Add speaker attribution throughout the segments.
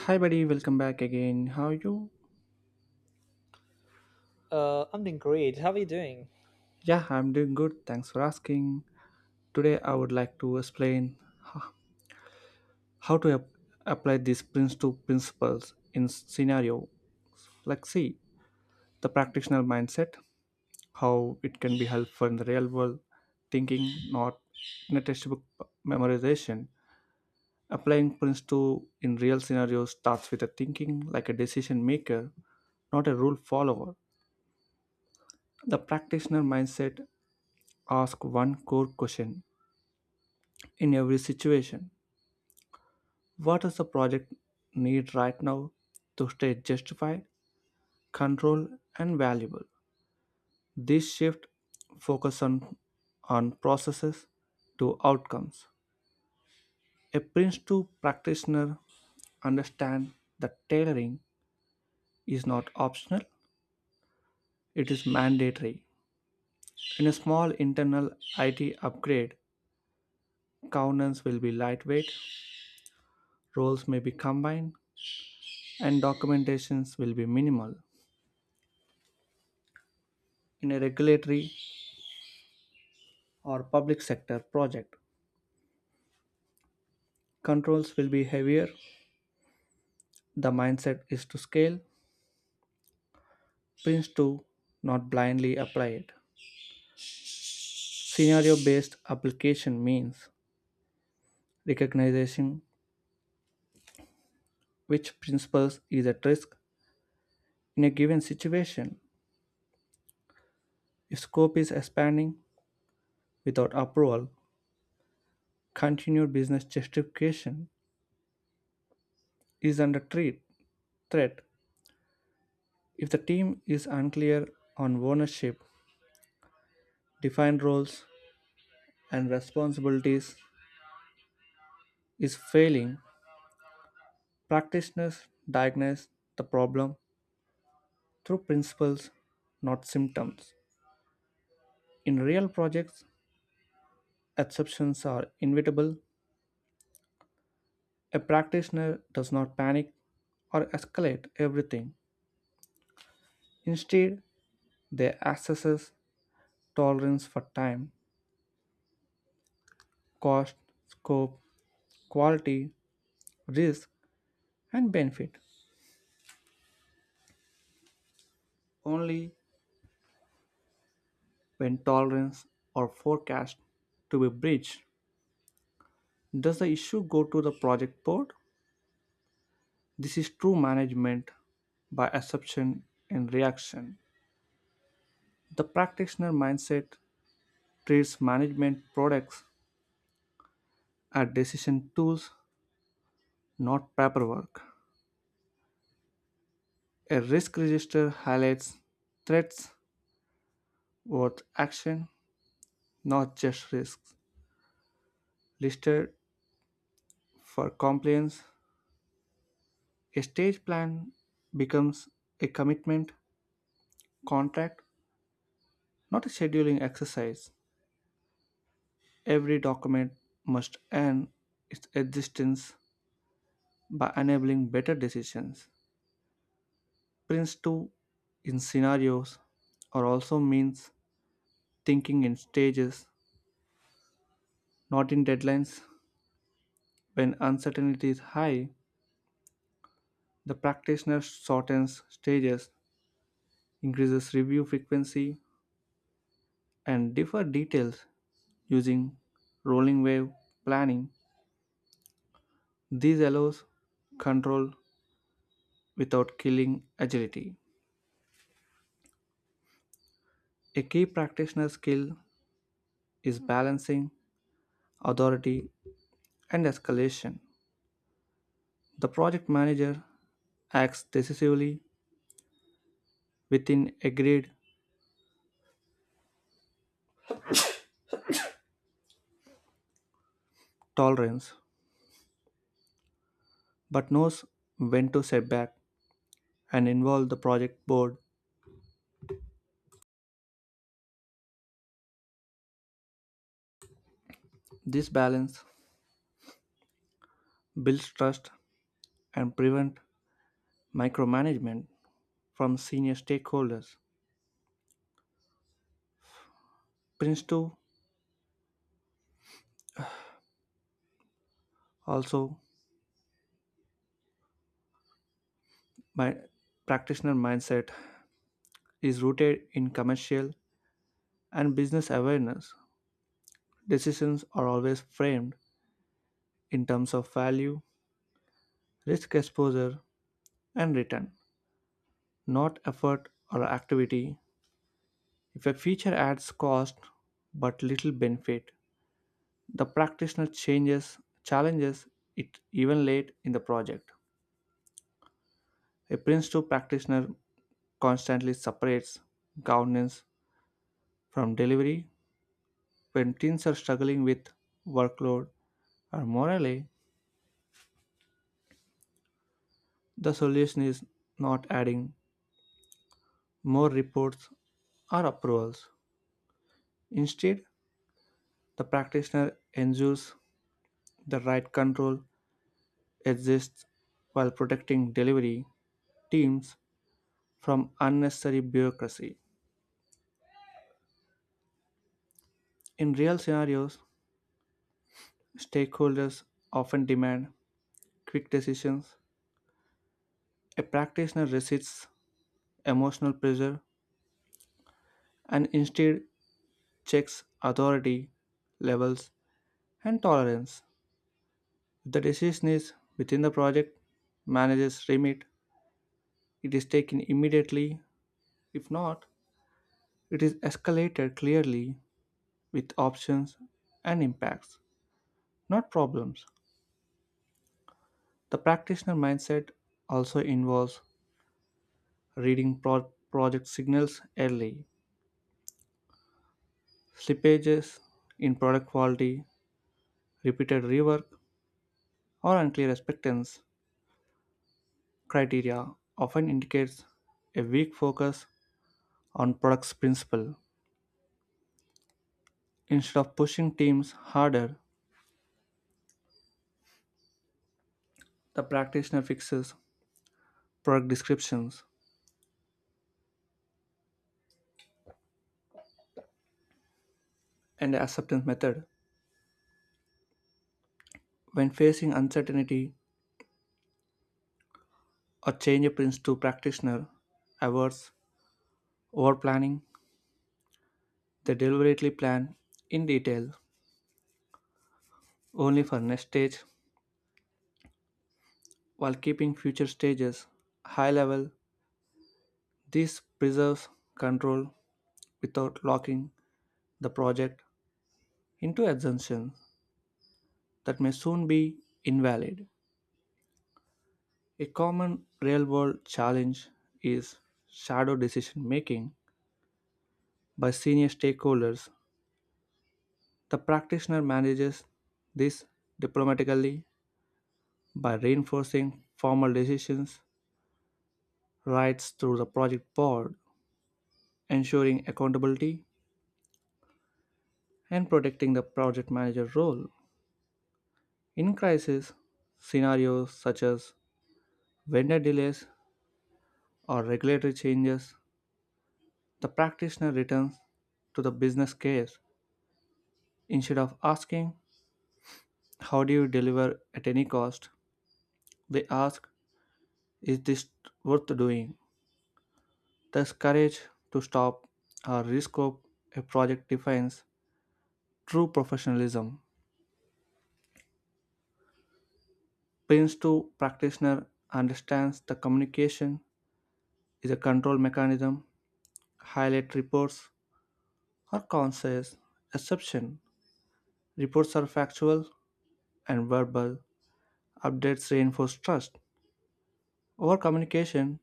Speaker 1: Hi, buddy. Welcome back again. How are you?
Speaker 2: I'm doing great. How are you doing?
Speaker 1: Yeah, I'm doing good. Thanks for asking. Today, I would like to explain h- how to apply these Prince 2 principles in scenario. Like, see, the practitioner mindset, how it can be helpful in the real world, thinking, not in a textbook memorization. Applying Prince 2 in real scenarios starts with a thinking like a decision maker, not a rule follower. The practitioner mindset ask one core question in every situation. What does the project need right now to stay justified, controlled, and valuable? This shift focus on processes to outcomes. A Prince 2 practitioner understand that tailoring is not optional, it is mandatory. In a small internal IT upgrade, governance will be lightweight, roles may be combined, and documentations will be minimal. In a regulatory or public sector project, controls will be heavier. The mindset is to scale Prince to, not blindly apply it. Scenario based application means recognizing which principles is at risk in a given situation. If scope is expanding without approval, continued business justification is under threat. If the team is unclear on ownership, defined roles, and responsibilities, is failing, practitioners diagnose the problem through principles, not symptoms. In real projects, exceptions are inevitable. A practitioner does not panic or escalate everything. Instead, they assess tolerance for time, cost, scope, quality, risk, and benefit. Only when tolerance are forecast to be breached does the issue go to the project board. This is true management by assumption and reaction. The practitioner mindset treats management products as decision tools, not paperwork. A risk register highlights threats worth action, not just risks listed for compliance. A stage plan becomes a commitment contract, not a scheduling exercise. Every document must earn its existence by enabling better decisions. Prints too in scenarios or also means thinking in stages, not in deadlines. When uncertainty is high, the practitioner shortens stages, increases review frequency, and differ details using rolling wave planning. This allows control without killing agility. A key practitioner skill is balancing authority and escalation. The project manager acts decisively within agreed tolerance but knows when to step back and involve the project board. This balance builds trust and prevents micromanagement from senior stakeholders. Prince 2 also my practitioner mindset is rooted in commercial and business awareness. Decisions are always framed in terms of value, risk exposure, and return, not effort or activity. If a feature adds cost but little benefit, the practitioner changes challenges it even late in the project. A Prince 2 practitioner constantly separates governance from delivery. When teams are struggling with workload or morale, the solution is not adding more reports or approvals. Instead, the practitioner ensures the right control exists while protecting delivery teams from unnecessary bureaucracy. In real scenarios, stakeholders often demand quick decisions. A practitioner resists emotional pressure and instead checks authority levels and tolerance. If the decision is within the project manager's remit, it is taken immediately. If not, it is escalated clearly with options and impacts, not problems. The practitioner mindset also involves reading project signals early. Slippages in product quality, repeated rework, or unclear acceptance criteria often indicates a weak focus on product's principle. Instead of pushing teams harder, the practitioner fixes product descriptions and acceptance method. When facing uncertainty or change, a Prince to practitioner averts over planning. They deliberately plan in detail only for next stage while keeping future stages high level. This preserves control without locking the project into assumptions that may soon be invalid. A common real world challenge is shadow decision making by senior stakeholders. The practitioner manages this diplomatically by reinforcing formal decisions rights through the project board, ensuring accountability, and protecting the project manager role. In crisis scenarios such as vendor delays or regulatory changes, the practitioner returns to the business case. Instead of asking, "How do you deliver at any cost?" they ask, "Is this worth doing?" Thus, courage to stop or rescope a project defines true professionalism. Prince 2 practitioner understands the communication is a control mechanism. Highlight reports are conscious exception. Reports are factual and verbal. Updates reinforce trust. Over communication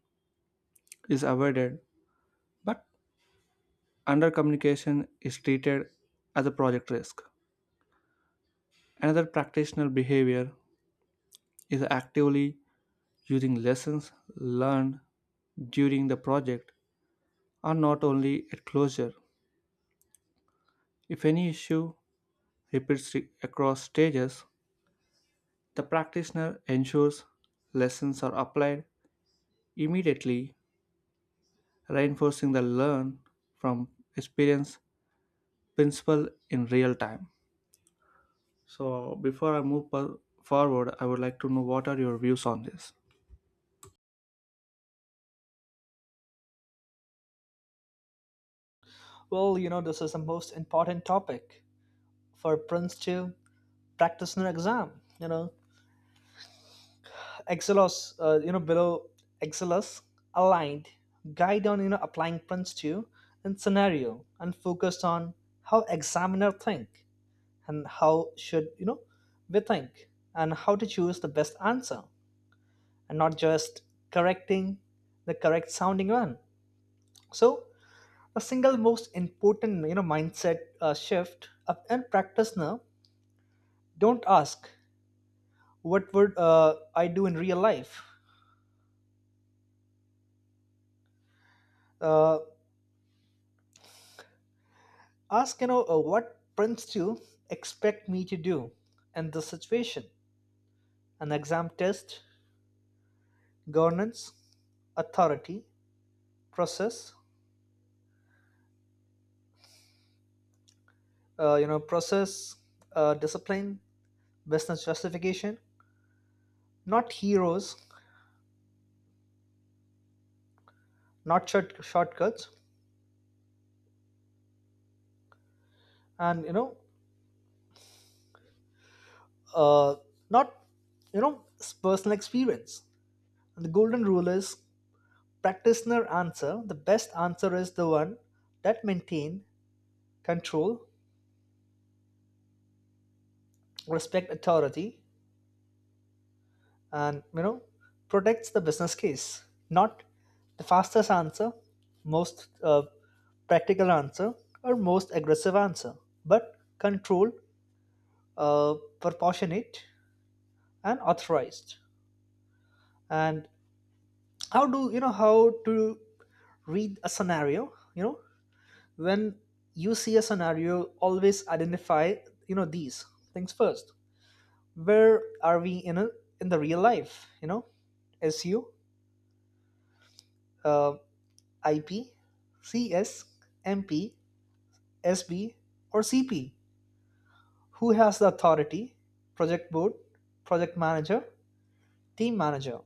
Speaker 1: is avoided, but under communication is treated as a project risk. Another practitioner behavior is actively using lessons learned during the project, are not only at closure. If any issue repeats across stages, the practitioner ensures lessons are applied immediately, reinforcing the learn from experience principle in real time. So, before I move forward, I would like to know what are your views on this?
Speaker 2: Well, this is the most important topic for Prince 2 practitioner exam. You know, Excelos, below Excelos aligned guide on, applying Prince 2 and scenario and focused on how examiner think and how should, we think and how to choose the best answer and not just correcting the correct sounding one. So the single most important, mindset shift and practice now, don't ask what would I do in real life. uh, Ask, what Prince to expect me to do in this situation. An exam test governance, authority, process, process, discipline, business justification, not heroes, not shortcuts, and uh, not, personal experience. The golden rule is practitioner answer, the best answer is the one that maintain control, respect authority, and protects the business case, not the fastest answer, most practical answer, or most aggressive answer, but controlled, uh, proportionate, and authorized. And how do you know how to read a scenario? When you see a scenario, always identify, these things first. Where are we in the real life, SU, uh, IP, CS, MP, SB, or CP? Who has the authority? Project board, project manager, team manager?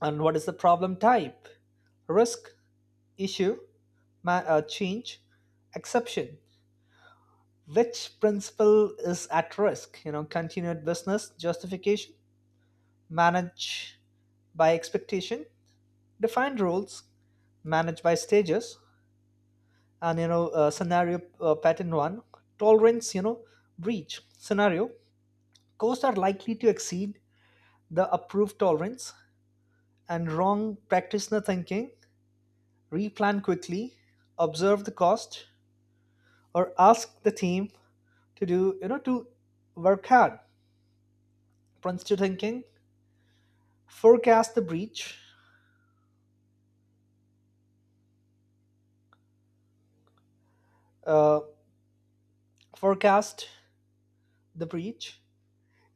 Speaker 2: And what is the problem type? Risk, issue, change, exception? Which principle is at risk? Continued business justification, managed by expectation, defined rules, managed by stages, and, scenario pattern one, tolerance, breach scenario. Costs are likely to exceed the approved tolerance, and wrong practitioner thinking, replan quickly, observe the cost, or ask the team to do, to work hard. Prince to thinking, forecast the breach, uh, forecast the breach,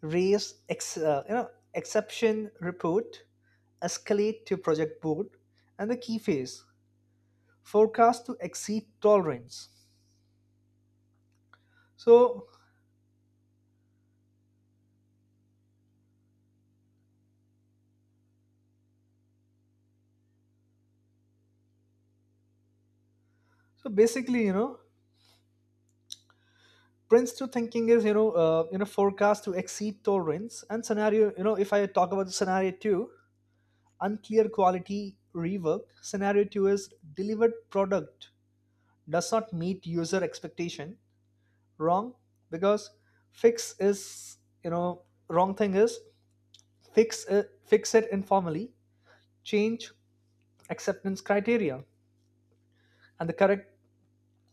Speaker 2: raise, exception report, escalate to project board, and the key phase, forecast to exceed tolerance. So so basically, Prince two thinking is, forecast to exceed tolerance and scenario. If I talk about the scenario two, unclear quality rework. Scenario two is delivered product does not meet user expectation. Wrong because fix is, you know wrong thing is, fix it informally, change acceptance criteria. And the correct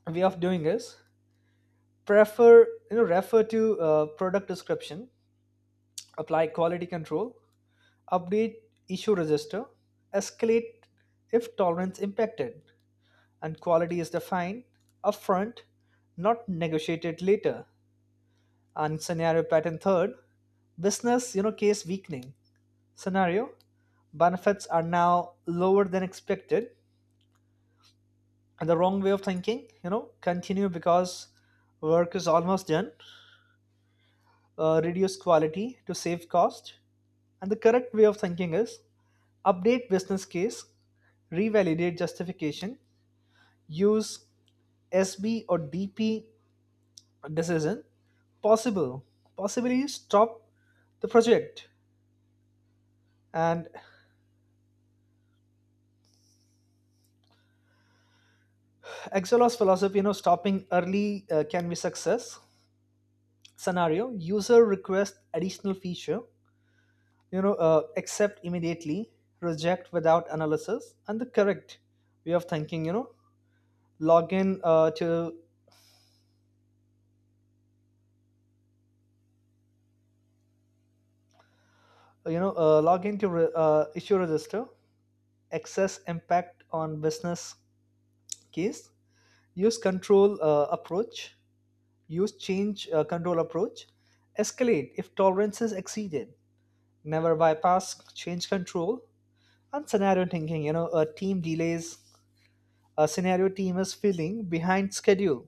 Speaker 2: way of doing is prefer you know refer to product description, apply quality control, update issue register, escalate if tolerance impacted, and quality is defined upfront, not negotiated later. And scenario pattern third, business, case weakening scenario, benefits are now lower than expected, and the wrong way of thinking, continue because work is almost done, reduce quality to save cost, and the correct way of thinking is update business case, revalidate justification, use SB or DP decision, possible, possibly stop the project. And Excelos philosophy, stopping early can be success. Scenario, user requests additional feature, accept immediately, reject without analysis, and the correct way of thinking, log in to you know log into issue register, access impact on business case, use control uh, approach use change control approach, escalate if tolerance is exceeded, never bypass change control. And scenario thinking, team delays, a scenario team is feeling behind schedule.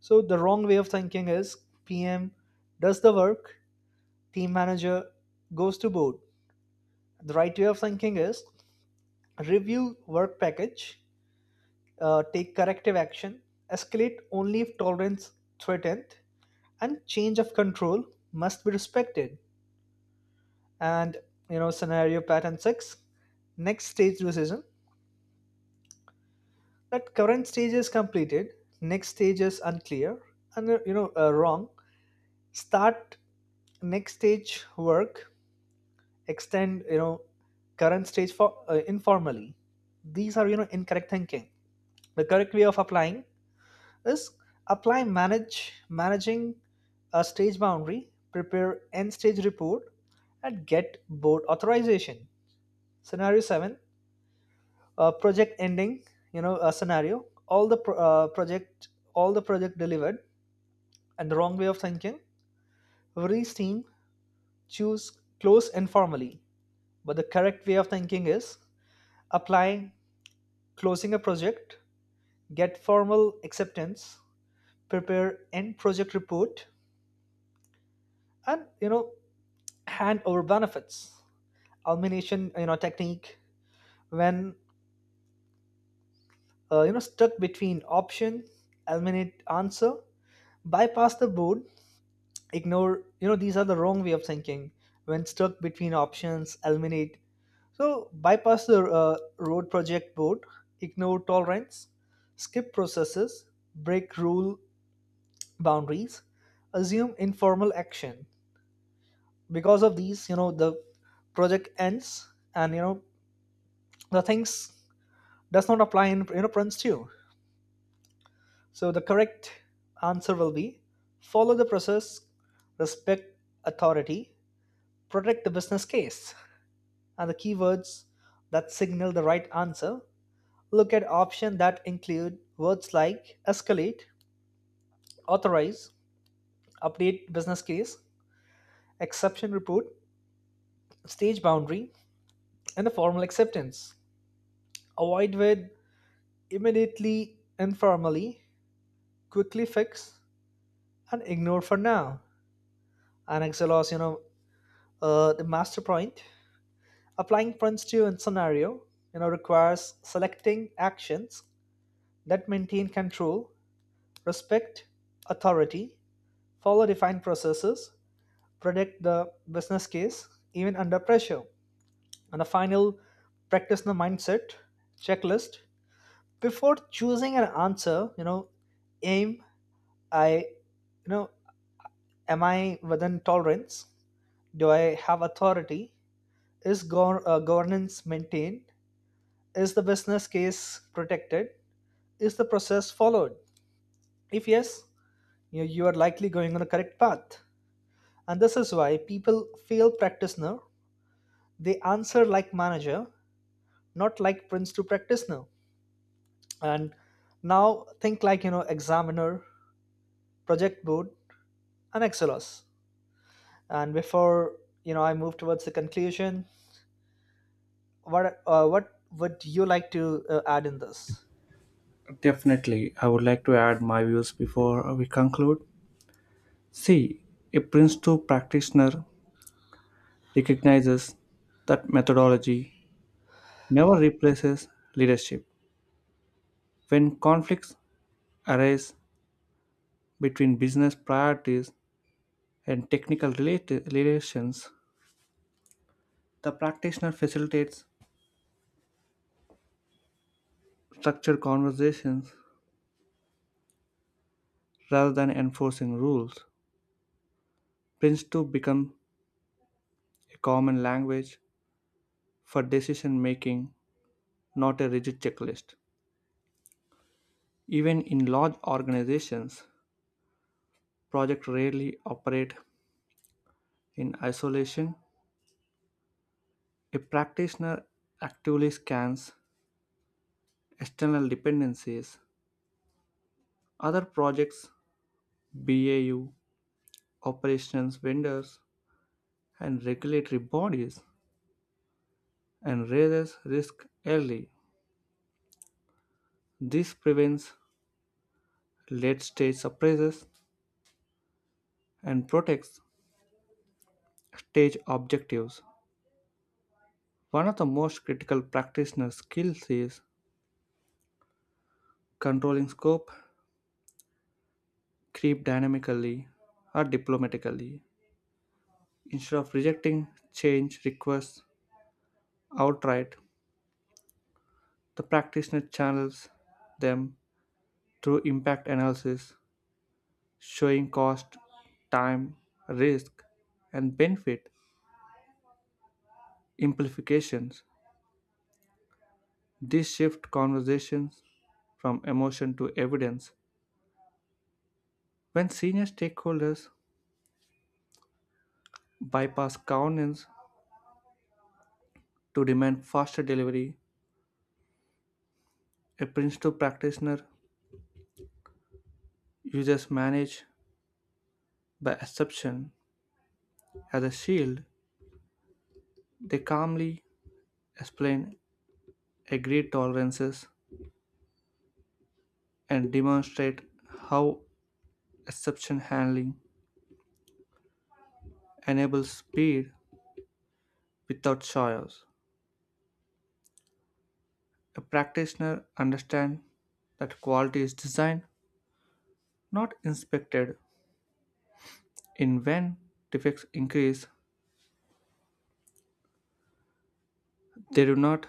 Speaker 2: So the wrong way of thinking is PM does the work, team manager goes to board. The right way of thinking is review work package, take corrective action, escalate only if tolerance threatened, and change of control must be respected. And scenario pattern six, next stage decision. That current stage is completed, next stage is unclear, and, wrong, start next stage work, extend, current stage for, informally. These are, incorrect thinking. The correct way of applying is apply manage managing a stage boundary, prepare end stage report, and get board authorization. Scenario 7, project ending, a scenario, all the pro- project all the project delivered, and the wrong way of thinking, every team choose close informally. But the correct way of thinking is apply, closing a project, get formal acceptance, prepare end project report, and hand over benefits. Elimination, technique, when, stuck between option, eliminate answer, bypass the board, ignore. These are the wrong way of thinking. When stuck between options, eliminate. So bypass the, road project board, ignore tolerance, skip processes, break rule boundaries, assume informal action. Because of these, the project ends, and the things does not apply in, Prince too. So the correct answer will be follow the process, respect authority, protect the business case, and the keywords that signal the right answer, look at options that include words like escalate, authorize, update business case, exception report, stage boundary, and the formal acceptance. Avoid with immediately, informally, quickly fix, and ignore for now. And Excelos, the master point. Applying points to a scenario, requires selecting actions that maintain control, respect authority, follow defined processes, predict the business case even under pressure. And the final, practice the mindset checklist before choosing an answer. Aim. I, you know, am I within tolerance? Do I have authority? Is, governance maintained? Is the business case protected? Is the process followed? If yes, you are likely going on the correct path. And this is why people fail practitioner. They answer like manager, not like prince to practitioner, and now think like, examiner, project board, and Excelos. And before, I move towards the conclusion, what would you like to add in this?
Speaker 1: Definitely, I would like to add my views before we conclude. See, a Prince 2 practitioner recognizes that methodology never replaces leadership. When conflicts arise between business priorities and technical relations, the practitioner facilitates structured conversations rather than enforcing rules. Prince 2 become a common language for decision making, not a rigid checklist. Even in large organizations, projects rarely operate in isolation. A practitioner actively scans external dependencies, other projects, BAU, operations vendors, and regulatory bodies, and raises risk early. This prevents late-stage surprises and protects stage objectives. One of the most critical practitioner skills is controlling scope, creep dynamically or diplomatically. Instead of rejecting change requests outright, the practitioner channels them through impact analysis, showing cost, time, risk, and benefit implications. This shift conversations from emotion to evidence. When senior stakeholders bypass governance to demand faster delivery, a principal practitioner uses manage by exception as a shield. They calmly explain agreed tolerances and demonstrate how exception handling enables speed without chaos. A practitioner understands that quality is designed, not inspected. In when defects increase, they do not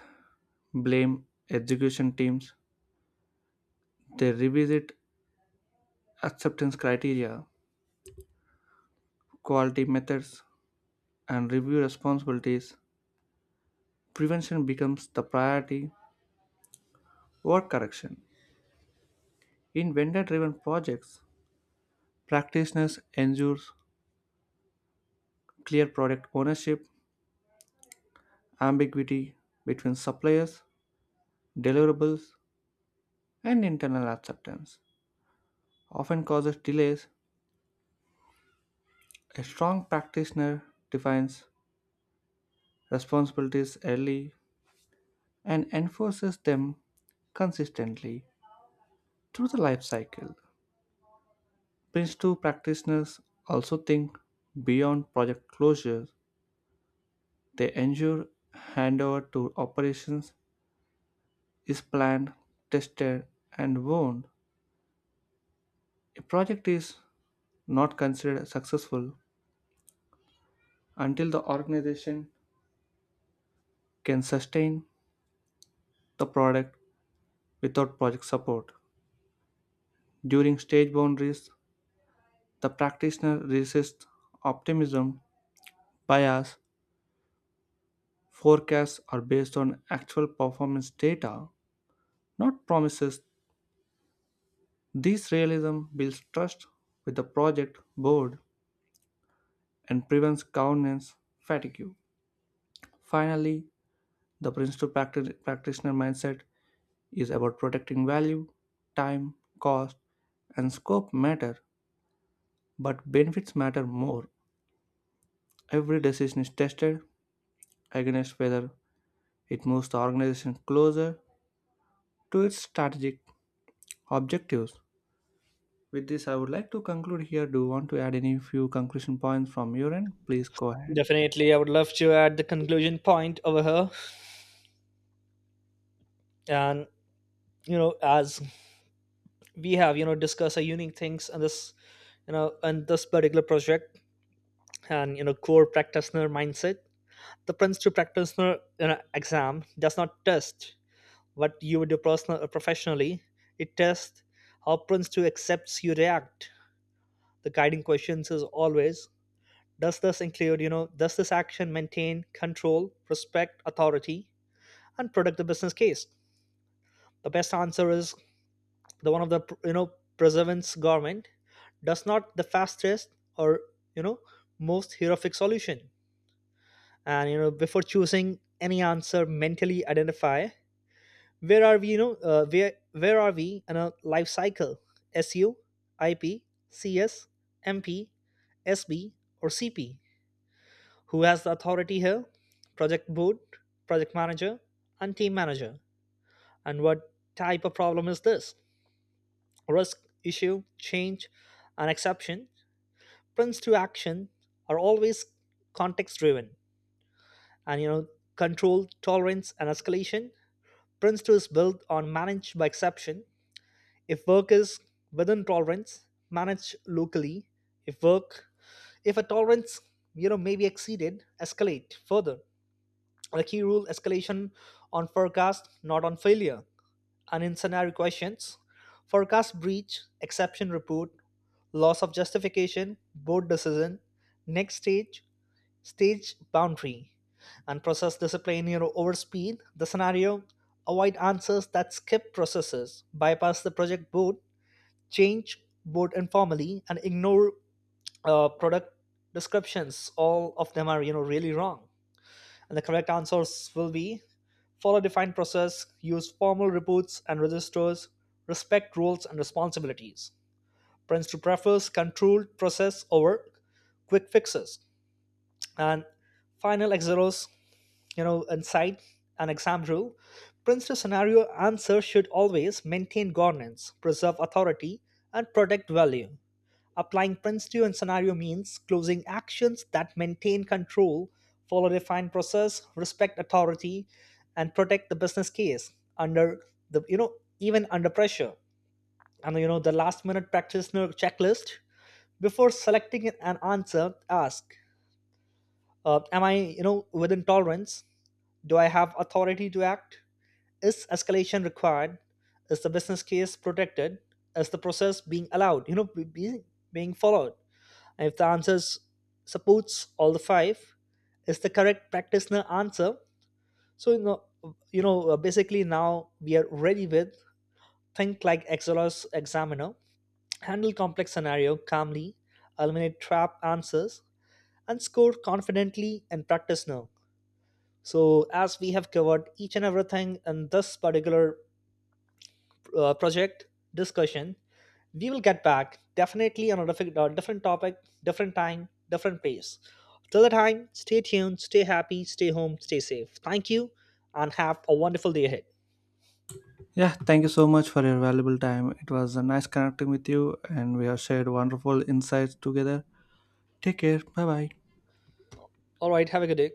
Speaker 1: blame execution teams. They revisit acceptance criteria, quality methods, and review responsibilities. Prevention becomes the priority over correction. In vendor driven projects, practitioners ensure clear product ownership. Ambiguity between suppliers, deliverables, and internal acceptance often causes delays. A strong practitioner defines responsibilities early and enforces them consistently through the life cycle. Prince 2 practitioners also think beyond project closure. They ensure handover to operations is planned, tested, and warned. A project is not considered successful until the organization can sustain the product without project support. During stage boundaries, the practitioner resists optimism bias. Forecasts are based on actual performance data, not promises. This realism builds trust with the project board and prevents governance fatigue. Finally, the principal practitioner mindset is about protecting value. Time, cost, and scope matter, but benefits matter more. Every decision is tested against whether it moves the organization closer to its strategic objectives. With this, I would like to conclude here. Do you want to add any few conclusion points from your end? Please go ahead.
Speaker 2: Definitely I would love to add the conclusion point over here. And as we have, discussed our unique things in this, in this particular project, and core practitioner mindset. The prince to practitioner, exam does not test what you would do personal, or professionally. It tests how Prince to accepts you react. The guiding questions is always, does this include, you know, does this action maintain control, respect, authority, and protect the business case? The best answer is the one of the, preservance government, does not the fastest, or, you know most heroic solution. And before choosing any answer, mentally identify where are we, where are we in a life cycle? SU, IP, CS, MP, SB, or CP? Who has the authority here? Project board, project manager, and team manager? And what type of problem is this? Risk, issue, change, and exception? Prints to action are always context driven, and, control tolerance and escalation. Prince to is built on managed by exception. If workers within tolerance manage locally, if work, if a tolerance may be exceeded, escalate further. The key rule, escalation on forecast, not on failure. And in scenario questions, forecast breach, exception report, loss of justification, board decision, next stage, stage boundary, and process discipline, overspeed. The scenario, avoid answers that skip processes, bypass the project board, change board informally, and ignore, product descriptions. All of them are, really wrong, and the correct answers will be follow a defined process, use formal reports and registers, respect roles and responsibilities. Prince to prefers controlled process over quick fixes. And final Exeros, inside an exam rule, prince to scenario answer should always maintain governance, preserve authority, and protect value. Applying Prince 2 and scenario means closing actions that maintain control, follow defined process, respect authority, and protect the business case, under the you know even under pressure. And the last minute practitioner checklist before selecting an answer, ask, am I, within tolerance? Do I have authority to act? Is escalation required? Is the business case protected? Is the process being allowed? Being followed, and if the answer supports all the five, is the correct practitioner answer. So basically now we are ready with think like Exelos examiner, handle complex scenario calmly, eliminate trap answers, and score confidently in practitioner. So as we have covered each and everything in this particular, project discussion, we will get back definitely on a different, topic, different time, different pace. Till the time, stay tuned, stay happy, stay home, stay safe. Thank you, and have a wonderful day ahead.
Speaker 1: Yeah, thank you so much for your valuable time. It was a nice connecting with you, and we have shared wonderful insights together. Take care. Bye bye.
Speaker 2: All right, have a good day.